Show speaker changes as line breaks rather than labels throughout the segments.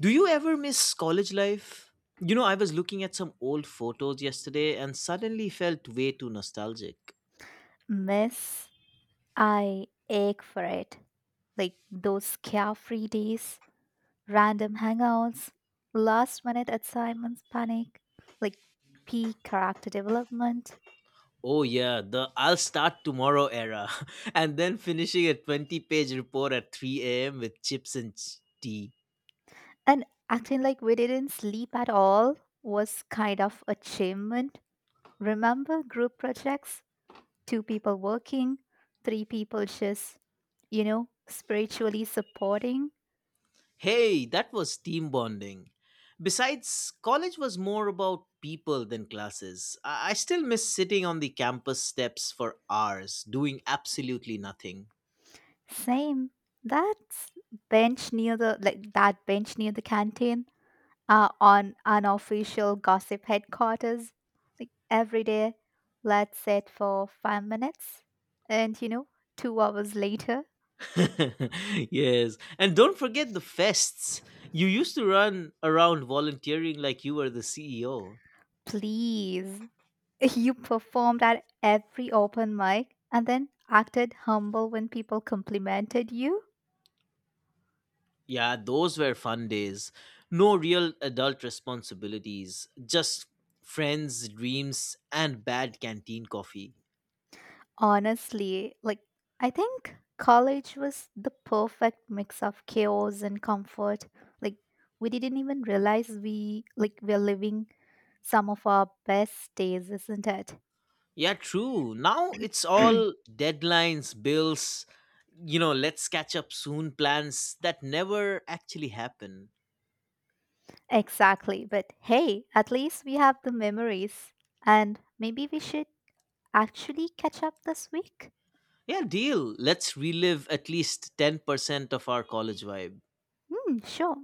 Do you ever miss college life? You know, I was looking at some old photos yesterday and suddenly felt way too nostalgic.
Miss, I ache for it. Like those carefree days, random hangouts, last minute assignments panic, like peak character development,
Oh, yeah, the I'll start tomorrow era, and then finishing a 20-page report at 3 a.m. with chips and tea.
and acting like we didn't sleep at all was kind of achievement. Remember group projects? Two people working, three people just, you know, spiritually supporting.
Hey, that was team bonding. Besides, college was more about people than classes. I still miss sitting on the campus steps for hours, doing absolutely nothing.
Same. That's that bench near the canteen, on unofficial gossip headquarters. Like every day, let's sit for 5 minutes, and you know, 2 hours later.
Yes. And don't forget the fests. You used to run around volunteering like you were the CEO.
Please. You performed at every open mic and then acted humble when people complimented you
Yeah, those were fun days. No real adult responsibilities, just friends, dreams, and bad canteen coffee.
honestly. Like I think college was the perfect mix of chaos and comfort. Like we didn't even realize we're living some of our best days, isn't it?
Yeah, true. Now it's all deadlines, bills, let's catch up soon plans that never actually happen.
Exactly. But hey, at least we have the memories. And maybe we should actually catch up this week?
Yeah, deal. Let's relive at least 10% of our college vibe.
Hmm, sure.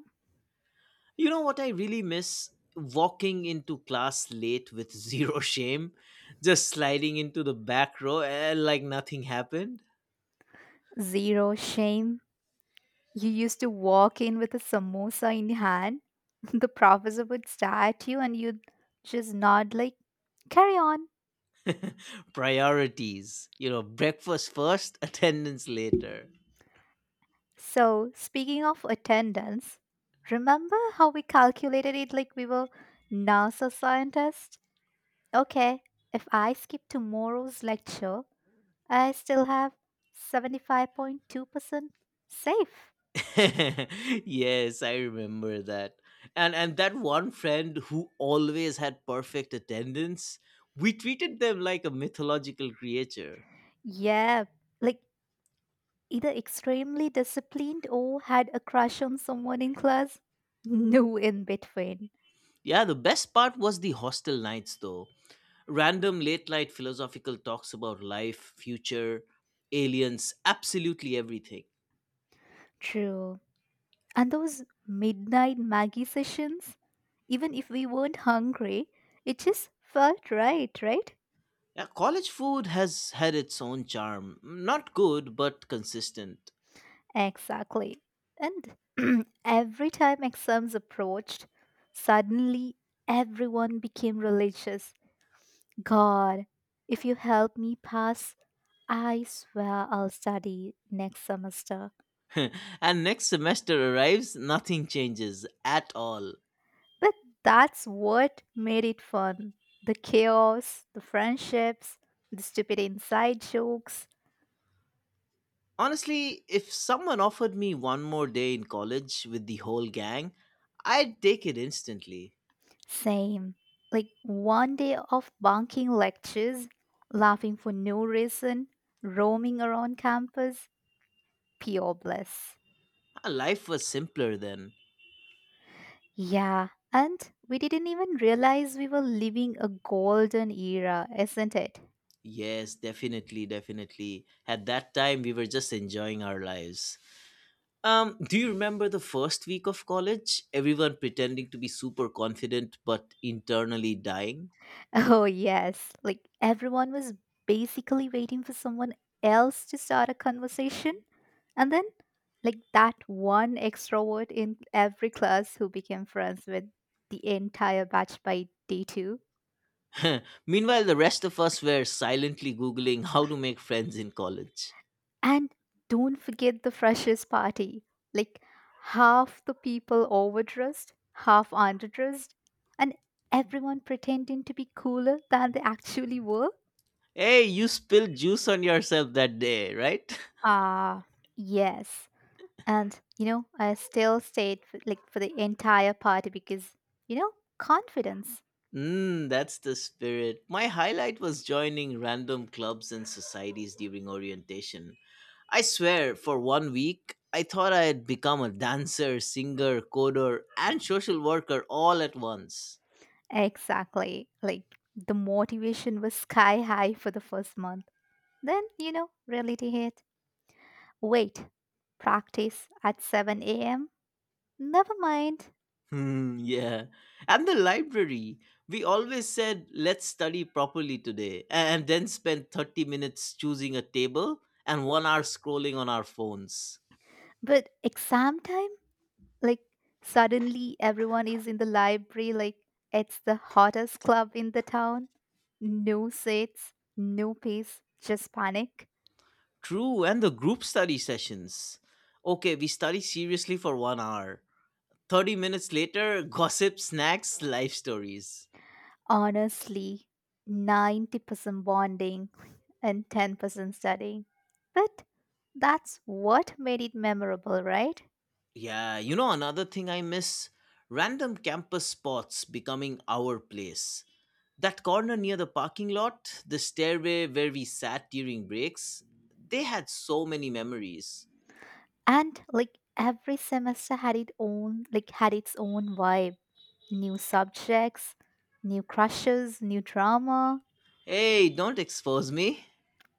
You know what I really miss? Walking into class late with zero shame, just sliding into the back row like nothing happened.
Zero shame. You used to walk in with a samosa in hand. The professor would stare at you and you'd just nod like, carry on.
Priorities, breakfast first, attendance later.
So, speaking of attendance, remember how we calculated it like we were NASA scientists? Okay, if I skip tomorrow's lecture, I still have 75.2% safe.
Yes, I remember that. And that one friend who always had perfect attendance, we treated them like a mythological creature.
Yeah, like either extremely disciplined or had a crush on someone in class. No in between.
Yeah, the best part was the hostel nights though. Random late night philosophical talks about life, future, aliens, absolutely everything.
True. And those midnight Maggie sessions, even if we weren't hungry, it just felt right, right?
Yeah, college food has had its own charm. Not good, but consistent.
Exactly. And every time exams approached, suddenly everyone became religious. God, if you help me pass, I swear I'll study next semester.
And next semester arrives, nothing changes at all.
But that's what made it fun, the chaos, the friendships, the stupid inside jokes.
Honestly, if someone offered me one more day in college with the whole gang, I'd take it instantly.
Same. Like one day of bunking lectures, laughing for no reason, roaming around campus, pure bliss.
Ah, life was simpler then.
Yeah, and we didn't even realize we were living a golden era, isn't it?
Yes, definitely, definitely. At that time, we were just enjoying our lives. Do you remember the first week of college? Everyone pretending to be super confident but internally dying?
Oh, yes. Like everyone was basically waiting for someone else to start a conversation. And then, like, that one extrovert in every class who became friends with the entire batch by day two.
Meanwhile, the rest of us were silently Googling how to make friends in college.
And don't forget the freshers' party. Like, half the people overdressed, half underdressed, and everyone pretending to be cooler than they actually were.
Hey, you spilled juice on yourself that day, right?
Ah, yes. And you know, I still stayed for, for the entire party because, you know, confidence.
Mmm, that's the spirit. My highlight was joining random clubs and societies during orientation. I swear, for one week, I thought I had become a dancer, singer, coder, and social worker all at once.
Exactly. Like the motivation was sky high for the first month. Then, you know, reality hit. Wait. Practice at 7 a.m. Never mind.
Hmm, yeah. And the library. We always said, let's study properly today, and then spend 30 minutes choosing a table and one hour scrolling on our phones.
But exam time? Like suddenly everyone is in the library like it's the hottest club in the town. No seats, no peace, just panic.
True, and the group study sessions. Okay, we study seriously for one hour. 30 minutes later, gossip, snacks, life stories.
Honestly, 90% bonding and 10% studying. But that's what made it memorable, right?
Yeah, another thing I miss, random campus spots becoming our place. That corner near the parking lot, the stairway where we sat during breaks, they had so many memories.
And like every semester had its own vibe. New subjects, new crushes, new drama.
Hey, don't expose me.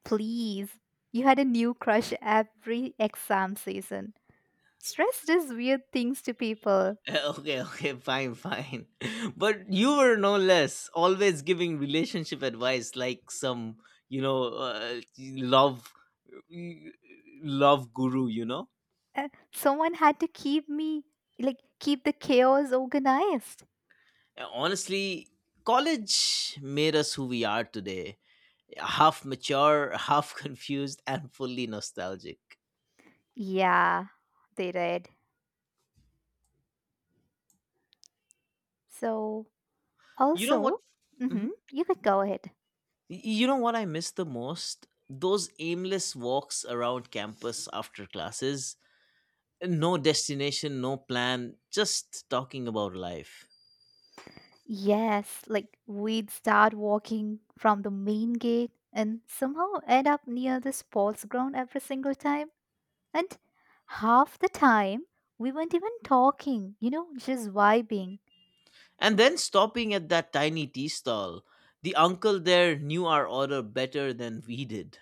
Please. You had a new crush every exam season. Stress does weird things to people.
Okay, okay, fine, fine. But you were no less, always giving relationship advice like some, you know, uh, love love guru, you know?
Uh, Someone had to keep me, like keep the chaos organized.
Honestly, college made us who we are today, half mature, half confused, and fully nostalgic.
Yeah, they did. So,
You know what?
also,
Mhm.
you could go ahead.
You know what I miss the most? Those aimless walks around campus after classes. No destination, no plan, just talking about life.
Yes, like we'd start walking from the main gate and somehow end up near the sports ground every single time. And half the time, we weren't even talking, you know, just vibing.
And then stopping at that tiny tea stall. The uncle there knew our order better than we did.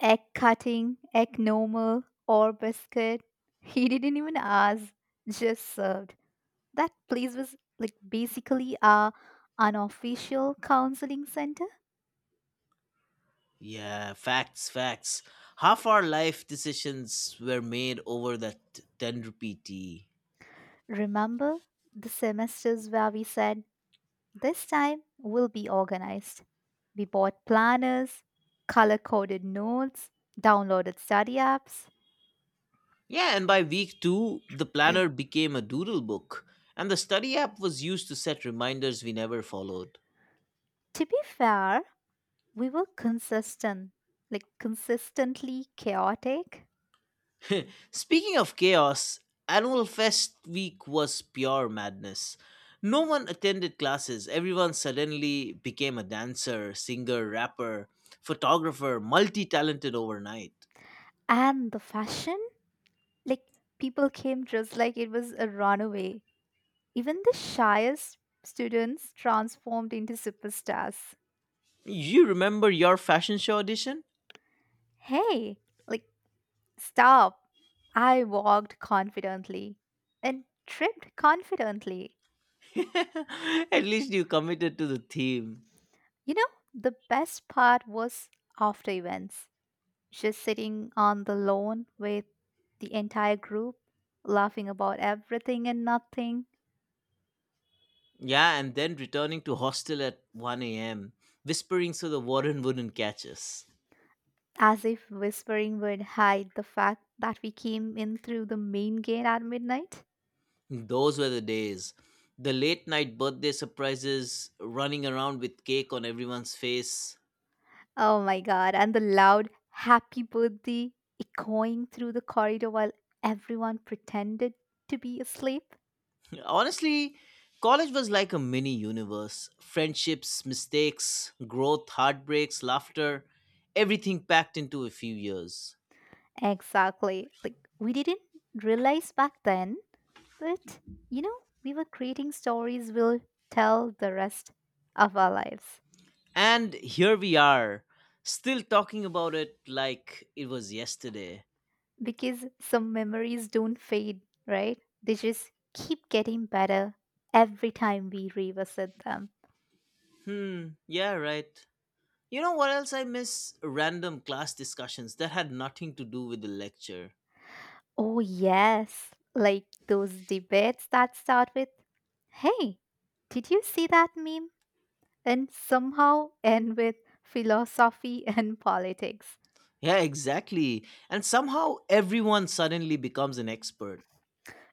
Egg cutting, egg normal, or biscuit. He didn't even ask, just served. That place was like basically our unofficial counseling center.
Yeah, facts, facts. Half our life decisions were made over that 10 rupee tea.
Remember the semesters where we said, this time we'll be organized? We bought planners, color coded notes, downloaded study apps.
Yeah, and by week two, the planner became a doodle book, and the study app was used to set reminders we never followed.
To be fair, we were consistent, like consistently chaotic.
Speaking of chaos, Annual Fest week was pure madness. No one attended classes, everyone suddenly became a dancer, singer, rapper, photographer, multi talented overnight.
And the fashion, like people came dressed like it was a runaway. Even the shyest students transformed into superstars.
You remember your fashion show audition?
Hey, like, stop. I walked confidently and tripped confidently.
At least you committed to the theme.
You know, the best part was after events, just sitting on the lawn with the entire group, laughing about everything and nothing,
Yeah, and then returning to hostel at 1 a.m., whispering so the warden wouldn't catch us.
as if whispering would hide the fact that we came in through the main gate at midnight.
Those were the days. The late night birthday surprises, running around with cake on everyone's face.
Oh my god, and the loud happy birthday echoing through the corridor while everyone pretended to be asleep.
Honestly, college was like a mini universe. Friendships, mistakes, growth, heartbreaks, laughter, everything packed into a few years.
Exactly. Like, we didn't realize back then, but you know, we were creating stories we'll tell the rest of our lives
And here we are, still talking about it like it was yesterday.
because some memories don't fade, right? They just keep getting better every time we revisit them.
Hmm, yeah, right. You know what else I miss? Random class discussions that had nothing to do with the lecture.
Oh, yes. Like those debates that start with, hey, did you see that meme? And somehow end with philosophy and politics.
Yeah, exactly. And somehow everyone suddenly becomes an expert.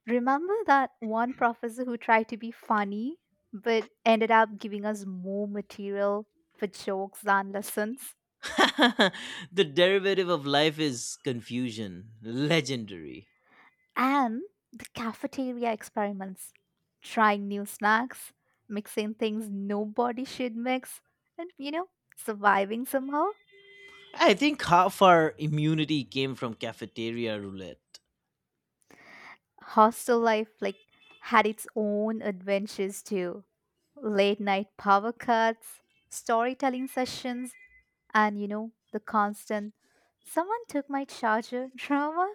Remember that one professor who tried to be funny but ended up giving us more material for jokes than lessons?
The derivative of life is confusion. Legendary.
And the cafeteria experiments, trying new snacks, mixing things nobody should mix, and you know, surviving somehow.
I think half our immunity came from cafeteria roulette.
Hostel life like had its own adventures too, late night power cuts, storytelling sessions, and you know, the constant someone took my charger drama.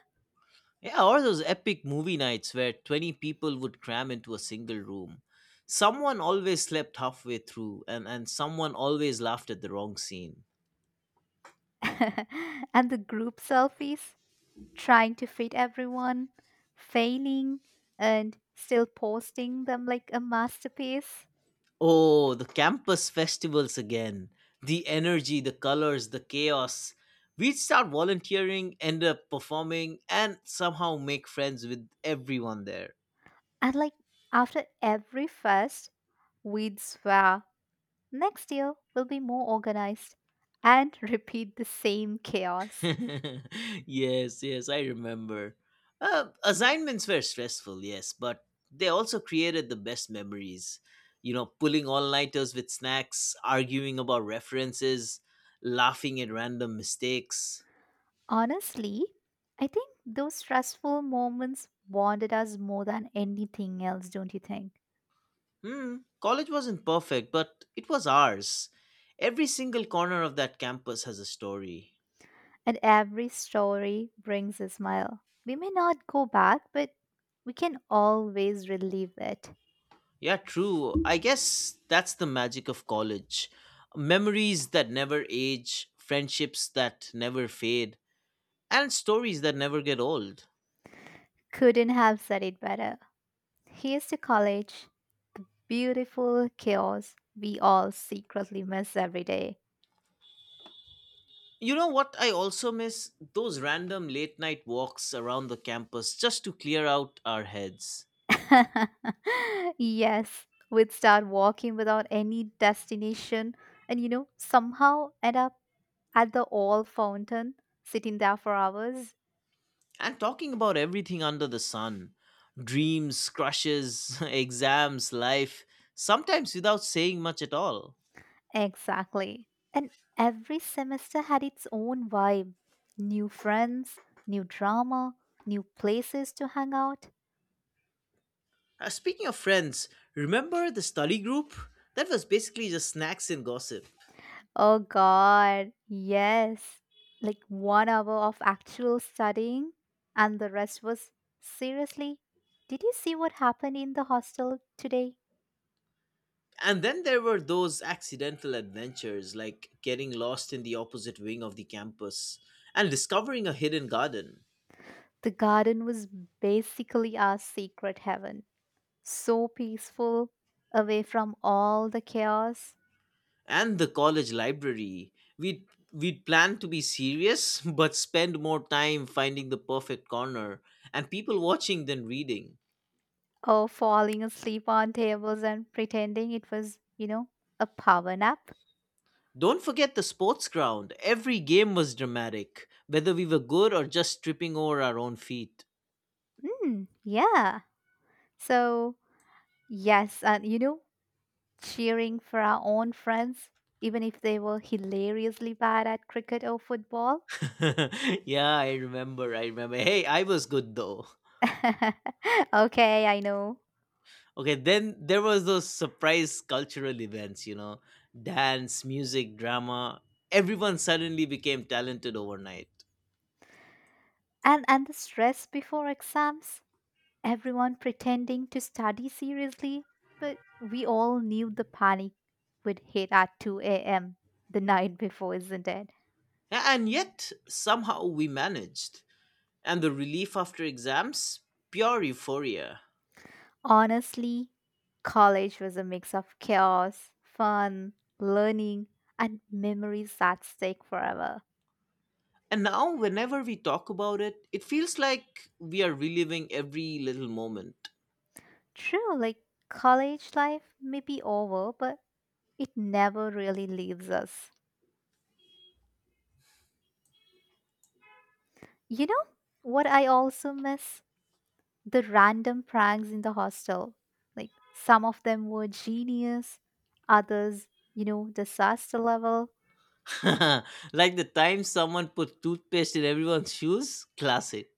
Yeah, or those epic movie nights where 20 people would cram into a single room. Someone always slept halfway through, and someone always laughed at the wrong scene.
And the group selfies, trying to fit everyone, failing, and still posting them like a masterpiece.
Oh, the campus festivals again. The energy, the colors, the chaos. We'd start volunteering, end up performing, and somehow make friends with everyone there.
And like after every fest we'd swear next year will be more organized, and repeat the same chaos.
Yes, yes, I remember. Assignments were stressful, yes, but they also created the best memories. You know, pulling all nighters with snacks, arguing about references, laughing at random mistakes.
Honestly, I think those stressful moments bonded us more than anything else, don't you think?
Hmm, college wasn't perfect, but it was ours. Every single corner of that campus has a story.
And every story brings a smile. We may not go back, but we can always relive it.
Yeah, true. I guess that's the magic of college. Memories that never age, friendships that never fade, and stories that never get old.
Couldn't have said it better. Here's to college, the beautiful chaos we all secretly miss every day.
You know what I also miss? Those random late night walks around the campus just to clear out our heads,
Yes, we'd start walking without any destination and, you know, somehow end up at the old fountain, sitting there for hours.
and talking about everything under the sun: dreams, crushes, exams, life, sometimes without saying much at all.
Exactly. And every semester had its own vibe, new friends, new drama, new places to hang out.
Speaking of friends, remember the study group? That was basically just snacks and gossip.
Oh god, yes. Like 1 hour of actual studying, and the rest was seriously. Did you see what happened in the hostel today?
And then there were those accidental adventures, like getting lost in the opposite wing of the campus and discovering a hidden garden.
The garden was basically our secret heaven. So peaceful, away from all the chaos,
And the college library. We'd, we'd plan to be serious, but spend more time finding the perfect corner and people watching than reading.
or falling asleep on tables and pretending it was, you know, a power nap.
Don't forget the sports ground. Every game was dramatic, whether we were good or just tripping over our own feet.
Mm, yeah. So, yes, and you know, cheering for our own friends, even if they were hilariously bad at cricket or football.
Yeah, I remember. I remember. Hey, I was good though.
Okay, I know.
Okay, then there was those surprise cultural events, dance, music, drama. Everyone suddenly became talented overnight.
And the stress before exams, everyone pretending to study seriously, but we all knew the panic would hit at 2 a.m. the night before, isn't it?
And yet, somehow we managed. And the relief after exams? Pure euphoria.
Honestly, college was a mix of chaos, fun, learning, and memories that stick forever.
And now, whenever we talk about it, it feels like we are reliving every little moment.
True, like college life may be over, but it never really leaves us. You know what I also miss? The random pranks in the hostel. Like some of them were genius, others, you know, disaster level.
Like the time someone put toothpaste in everyone's shoes? Classic.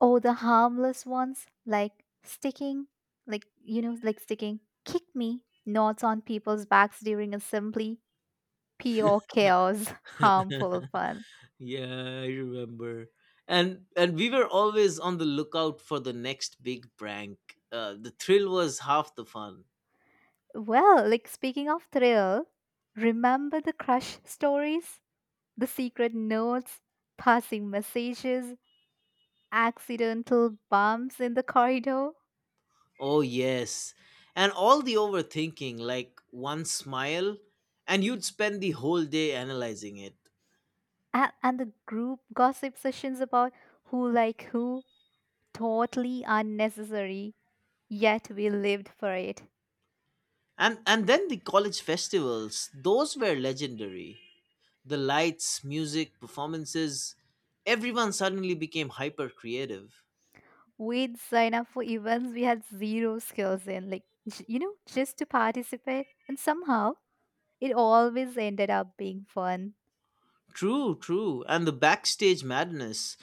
Or the harmless ones like sticking, like, you know, like sticking, kick me, notes on people's backs during assembly. Pure chaos, harmful fun.
Yeah, I remember. And we were always on the lookout for the next big prank. The thrill was half the fun.
Well, like speaking of thrill, remember the crush stories, the secret notes, passing messages, accidental bumps in the corridor,
Oh yes. And all the overthinking, like one smile, and you'd spend the whole day analyzing it.
and the group gossip sessions about who like who, totally unnecessary. Yet we lived for it.
And then the college festivals, those were legendary. The lights, music, performances, everyone suddenly became hyper creative.
We'd sign up for events we had zero skills in, like, just to participate, and somehow it always ended up being fun.
True, true. And the backstage madness.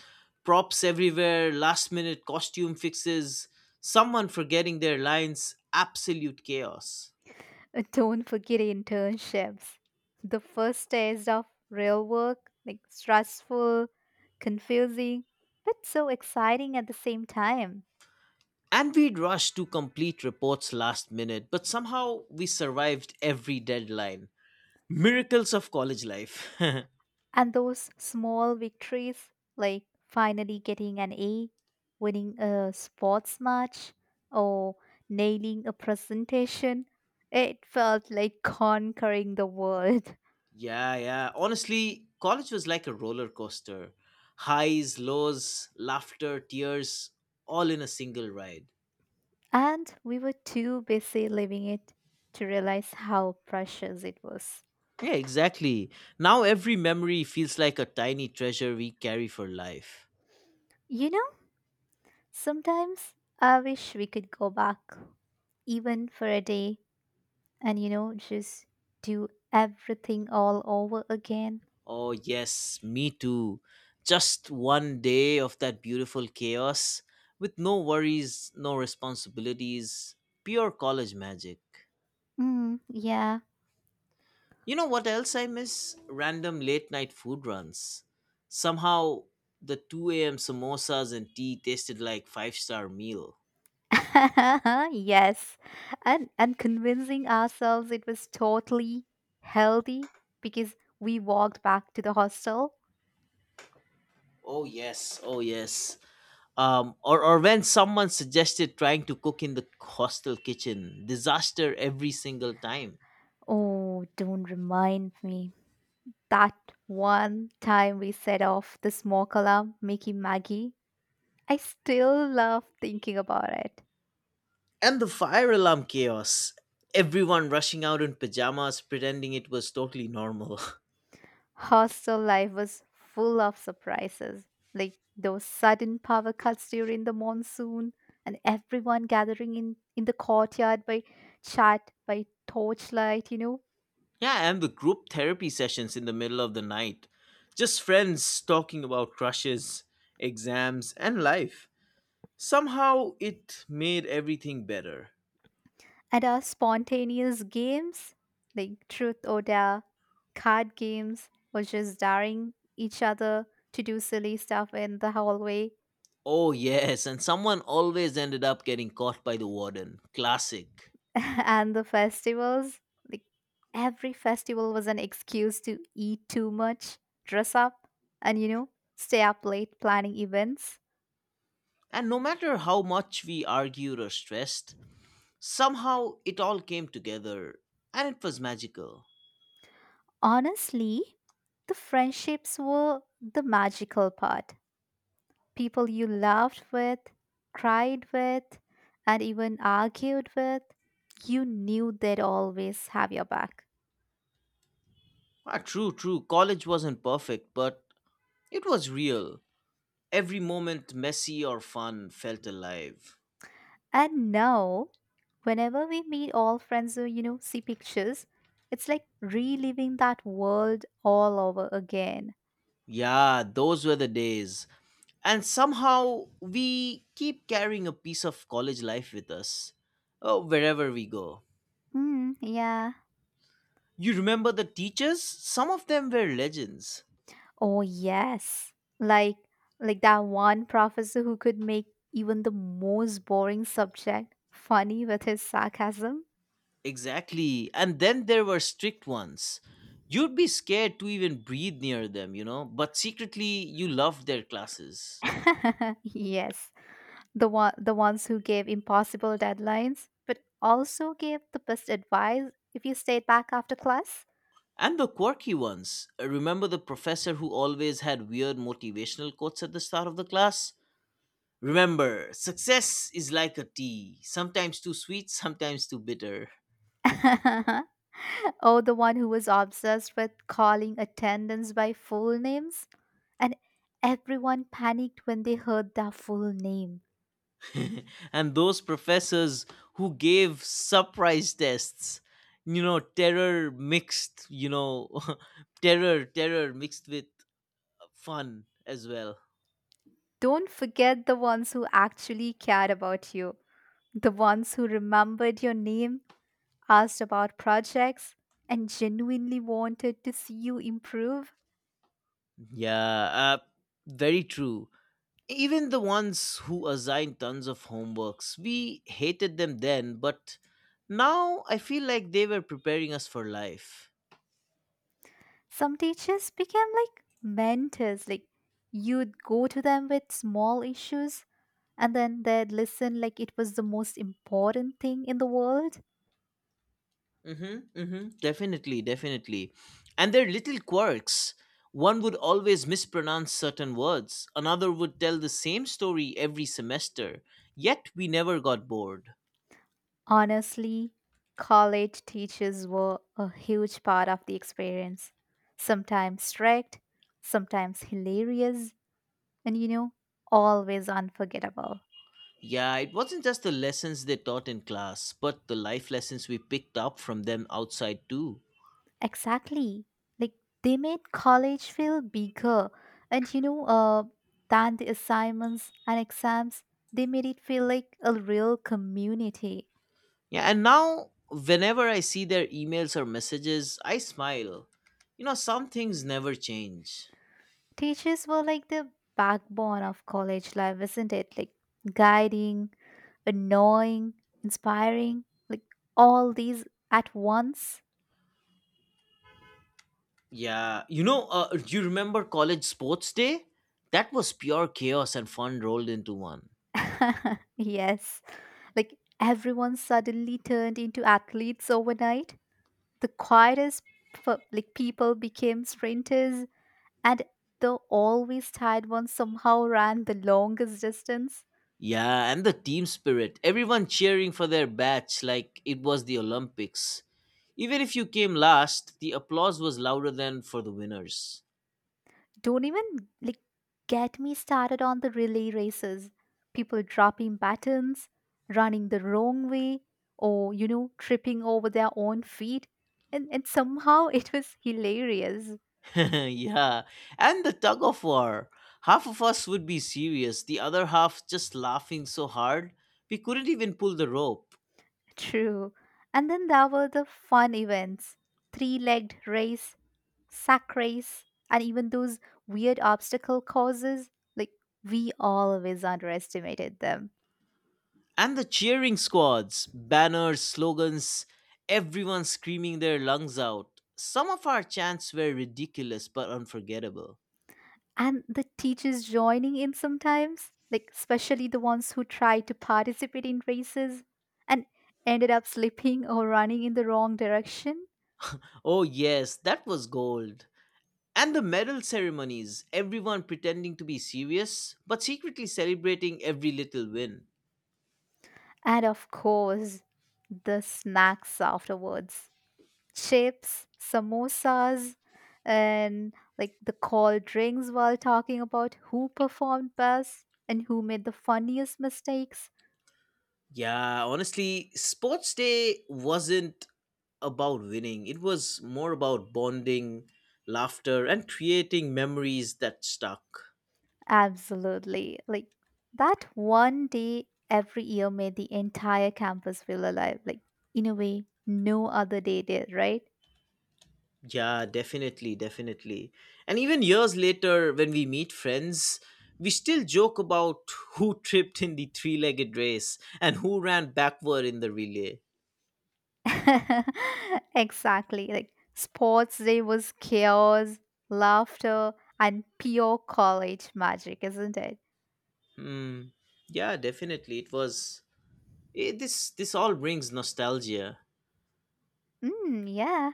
Props everywhere, last minute costume fixes, someone forgetting their lines, absolute chaos.
Don't forget internships. The first taste of real work, like stressful, confusing, but so exciting at the same time.
And we'd rush to complete reports last minute, but somehow we survived every deadline. Miracles of college life. Yeah,
And those small victories, like finally getting an A, winning a sports match, or nailing a presentation, it felt like conquering the world.
yeah. Honestly, college was like a roller coaster: highs, lows, laughter, tears, all in a single ride.
And we were too busy living it to realize how precious it was.
Yeah, exactly. Now every memory feels like a tiny treasure we carry for life.
You know, sometimes I wish we could go back, even for a day, and you know, just do everything all over again.
Oh, yes, me too. Just one day of that beautiful chaos, with no worries, no responsibilities, pure college magic.
Mm, yeah.
You know what else I miss? Random late night food runs. Somehow, the 2 a.m. samosas and tea tasted like five-star meal.
Yes. And convincing ourselves it was totally healthy because we walked back to the hostel.
Oh, yes, oh, yes. Or when someone suggested trying to cook in the hostel kitchen, disaster every single time.
Oh, don't remind me. That one time we set off the smoke alarm, Mickey Maggie. I still love thinking about it.
And the fire alarm chaos, everyone rushing out in pajamas pretending it was totally normal.
Hostel life was full of surprises, like those sudden power cuts during the monsoon and everyone gathering in the courtyard by torchlight, you know.
Yeah, and the group therapy sessions in the middle of the night. Just friends talking about crushes, exams, and life. Somehow it made everything better.
And our spontaneous games, like truth or dare, card games, or just daring each other to do silly stuff in the hallway.
Oh, yes, and someone always ended up getting caught by the warden. Classic.
And the festivals, like every festival was an excuse to eat too much, dress up, and you know, stay up late planning events.
And no matter how much we argued or stressed, somehow it all came together and it was magical.
Honestly, the friendships were the magical part, people you laughed with, cried with, and even argued with, you knew they'd always have your back.
Ah, true, true, college wasn't perfect, but it was real. Every moment, messy or fun, felt alive.
And now, whenever we meet all friends or, you know, see pictures, it's like reliving that world all over again.
Yeah, those were the days. And somehow we keep carrying a piece of college life with us. Oh, wherever we go.
Mm, yeah.
You remember the teachers? Some of them were legends.
Oh, yes. Like, like that one professor who could make even the most boring subject funny with his sarcasm.
Exactly. And then there were strict ones. You'd be scared to even breathe near them, but secretly you loved their classes.
Yes. The ones who gave impossible deadlines, but also gave the best advice if you stayed back after class.
And the quirky ones. Remember the professor who always had weird motivational quotes at the start of the class? Remember, success is like a tea, sometimes too sweet, sometimes too bitter.
Oh, the one who was obsessed with calling attendants by full names? And everyone panicked when they heard their full name.
And those professors who gave surprise tests, you know, terror mixed, you know, terror mixed with fun as well.
Don't forget the ones who actually cared about you, the ones who remembered your name, asked about projects, and genuinely wanted to see you improve.
Yeah, uh, very true. Even the ones who assigned tons of homeworks, we hated them then, but now I feel like they were preparing us for life.
Some teachers became like mentors, like you'd go to them with small issues and then they'd listen like it was the most important thing in the world.
Mm-hmm, mm-hmm. Definitely, definitely. And their little quirks. One would always mispronounce certain words, another would tell the same story every semester, yet we never got bored.
Honestly, college teachers were a huge part of the experience. Sometimes strict, sometimes hilarious, and you know, always unforgettable.
Yeah, it wasn't just the lessons they taught in class, but the life lessons we picked up from them outside too.
Exactly. Like they made college feel bigger and you know, than the assignments and exams, they made it feel like a real community.
Yeah, and now whenever I see their emails or messages, I smile. You know, some things never change.
Teachers were like the backbone of college life, isn't it? Like guiding, annoying, inspiring, like all these at once.
Yeah, do you remember college sports day? That was pure chaos and fun rolled into one.
Yes. Like everyone suddenly turned into athletes overnight. The quietest people became sprinters, and the always tired ones somehow ran the longest distance.
Yeah, and the team spirit. Everyone cheering for their batch like it was the Olympics. Even if you came last, the applause was louder than for the winners.
Don't even like get me started on the relay races. People dropping batons, running the wrong way, or you know, tripping over their own feet. And somehow it was hilarious.
Yeah, and the tug of war. Half of us would be serious, the other half just laughing so hard we couldn't even pull the rope.
True. And then there were the fun events. Three-legged race, sack race, and even those weird obstacle courses. Like we always underestimated them.
And the cheering squads, banners, slogans, everyone screaming their lungs out. Some of our chants were ridiculous but unforgettable.
And the teachers joining in sometimes, like especially the ones who tried to participate in races and ended up slipping or running in the wrong direction.
Oh, yes, that was gold. And the medal ceremonies, everyone pretending to be serious but secretly celebrating every little win.
And of course, the snacks afterwards, chips, samosas, and like the cold drinks while talking about who performed best and who made the funniest mistakes.
Yeah, honestly, sports day wasn't about winning. It was more about bonding, laughter, and creating memories that stuck.
Absolutely. Like that one day every year made the entire campus feel alive. Like in a way, no other day did, right?
Yeah, definitely, definitely. And even years later, when we meet friends, we still joke about who tripped in the three legged race and who ran backward in the relay.
Exactly. Like sports day was chaos, laughter, and pure college magic, isn't it?
Hmm. Yeah, definitely. It was. It, this all brings nostalgia.
Mm, yeah.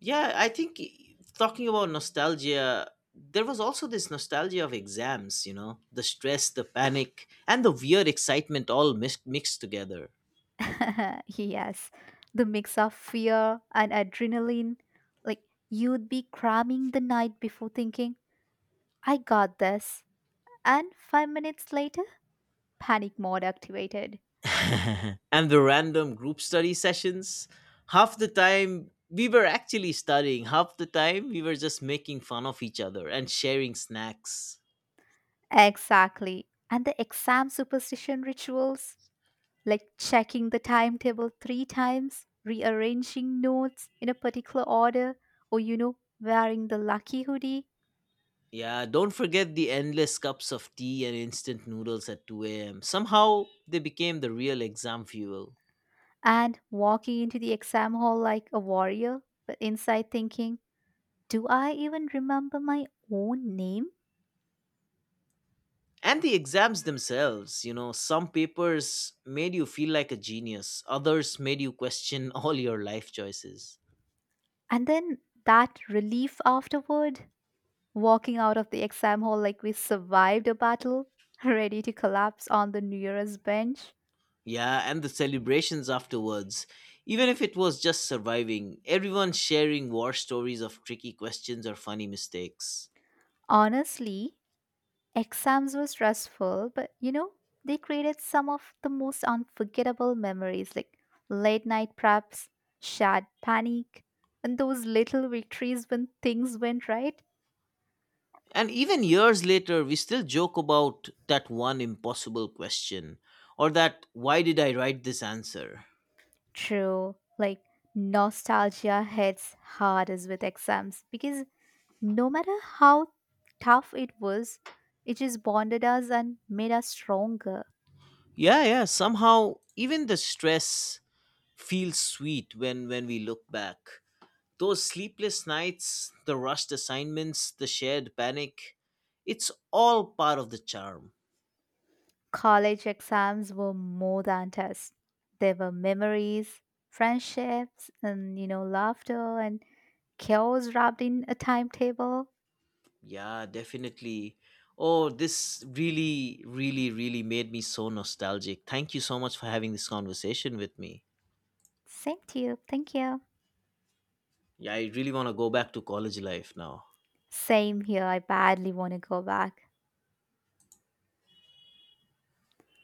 Yeah, I think talking about nostalgia, there was also this nostalgia of exams, you know, the stress, the panic, and the weird excitement all mixed together.
Yes. The mix of fear and adrenaline. Like you'd be cramming the night before thinking, I got this. And 5 minutes later, panic mode activated.
And the random group study sessions. Half the time, we were actually studying, half the time, we were just making fun of each other and sharing snacks.
Exactly. And the exam superstition rituals, like checking the timetable three times, rearranging notes in a particular order, or, you know, wearing the lucky hoodie
Yeah, don't forget the endless cups of tea and instant noodles at 2 a.m. Somehow, they became the real exam fuel.
and walking into the exam hall like a warrior, but inside thinking, do I even remember my own name?
And the exams themselves, you know, some papers made you feel like a genius, others made you question all your life choices.
And then that relief afterward, walking out of the exam hall like we survived a battle, ready to collapse on the New Year's bench.
Yeah, and the celebrations afterwards, even if it was just surviving, everyone sharing war stories of tricky questions or funny mistakes.
Honestly, exams were stressful, but you know, they created some of the most unforgettable memories, like late night preps, shared panic, and those little victories when things went right.
And even years later we still joke about that one impossible question, or that why did I write this answer.
True, like nostalgia hits hardest with exams because no matter how tough it was, it just bonded us and made us stronger.
Yeah, yeah, somehow even the stress feels sweet when we look back. Those sleepless nights, the rushed assignments, the shared panic, it's all part of the charm.
College exams were more than tests. There were memories, friendships, and you know, laughter and chaos wrapped in a timetable.
Yeah, definitely. Oh, this really, really, really made me so nostalgic. Thank you so much for having this conversation with me.
Same to you. Thank you.
Yeah, I really want to go back to college life now.
Same here. I badly want to go back.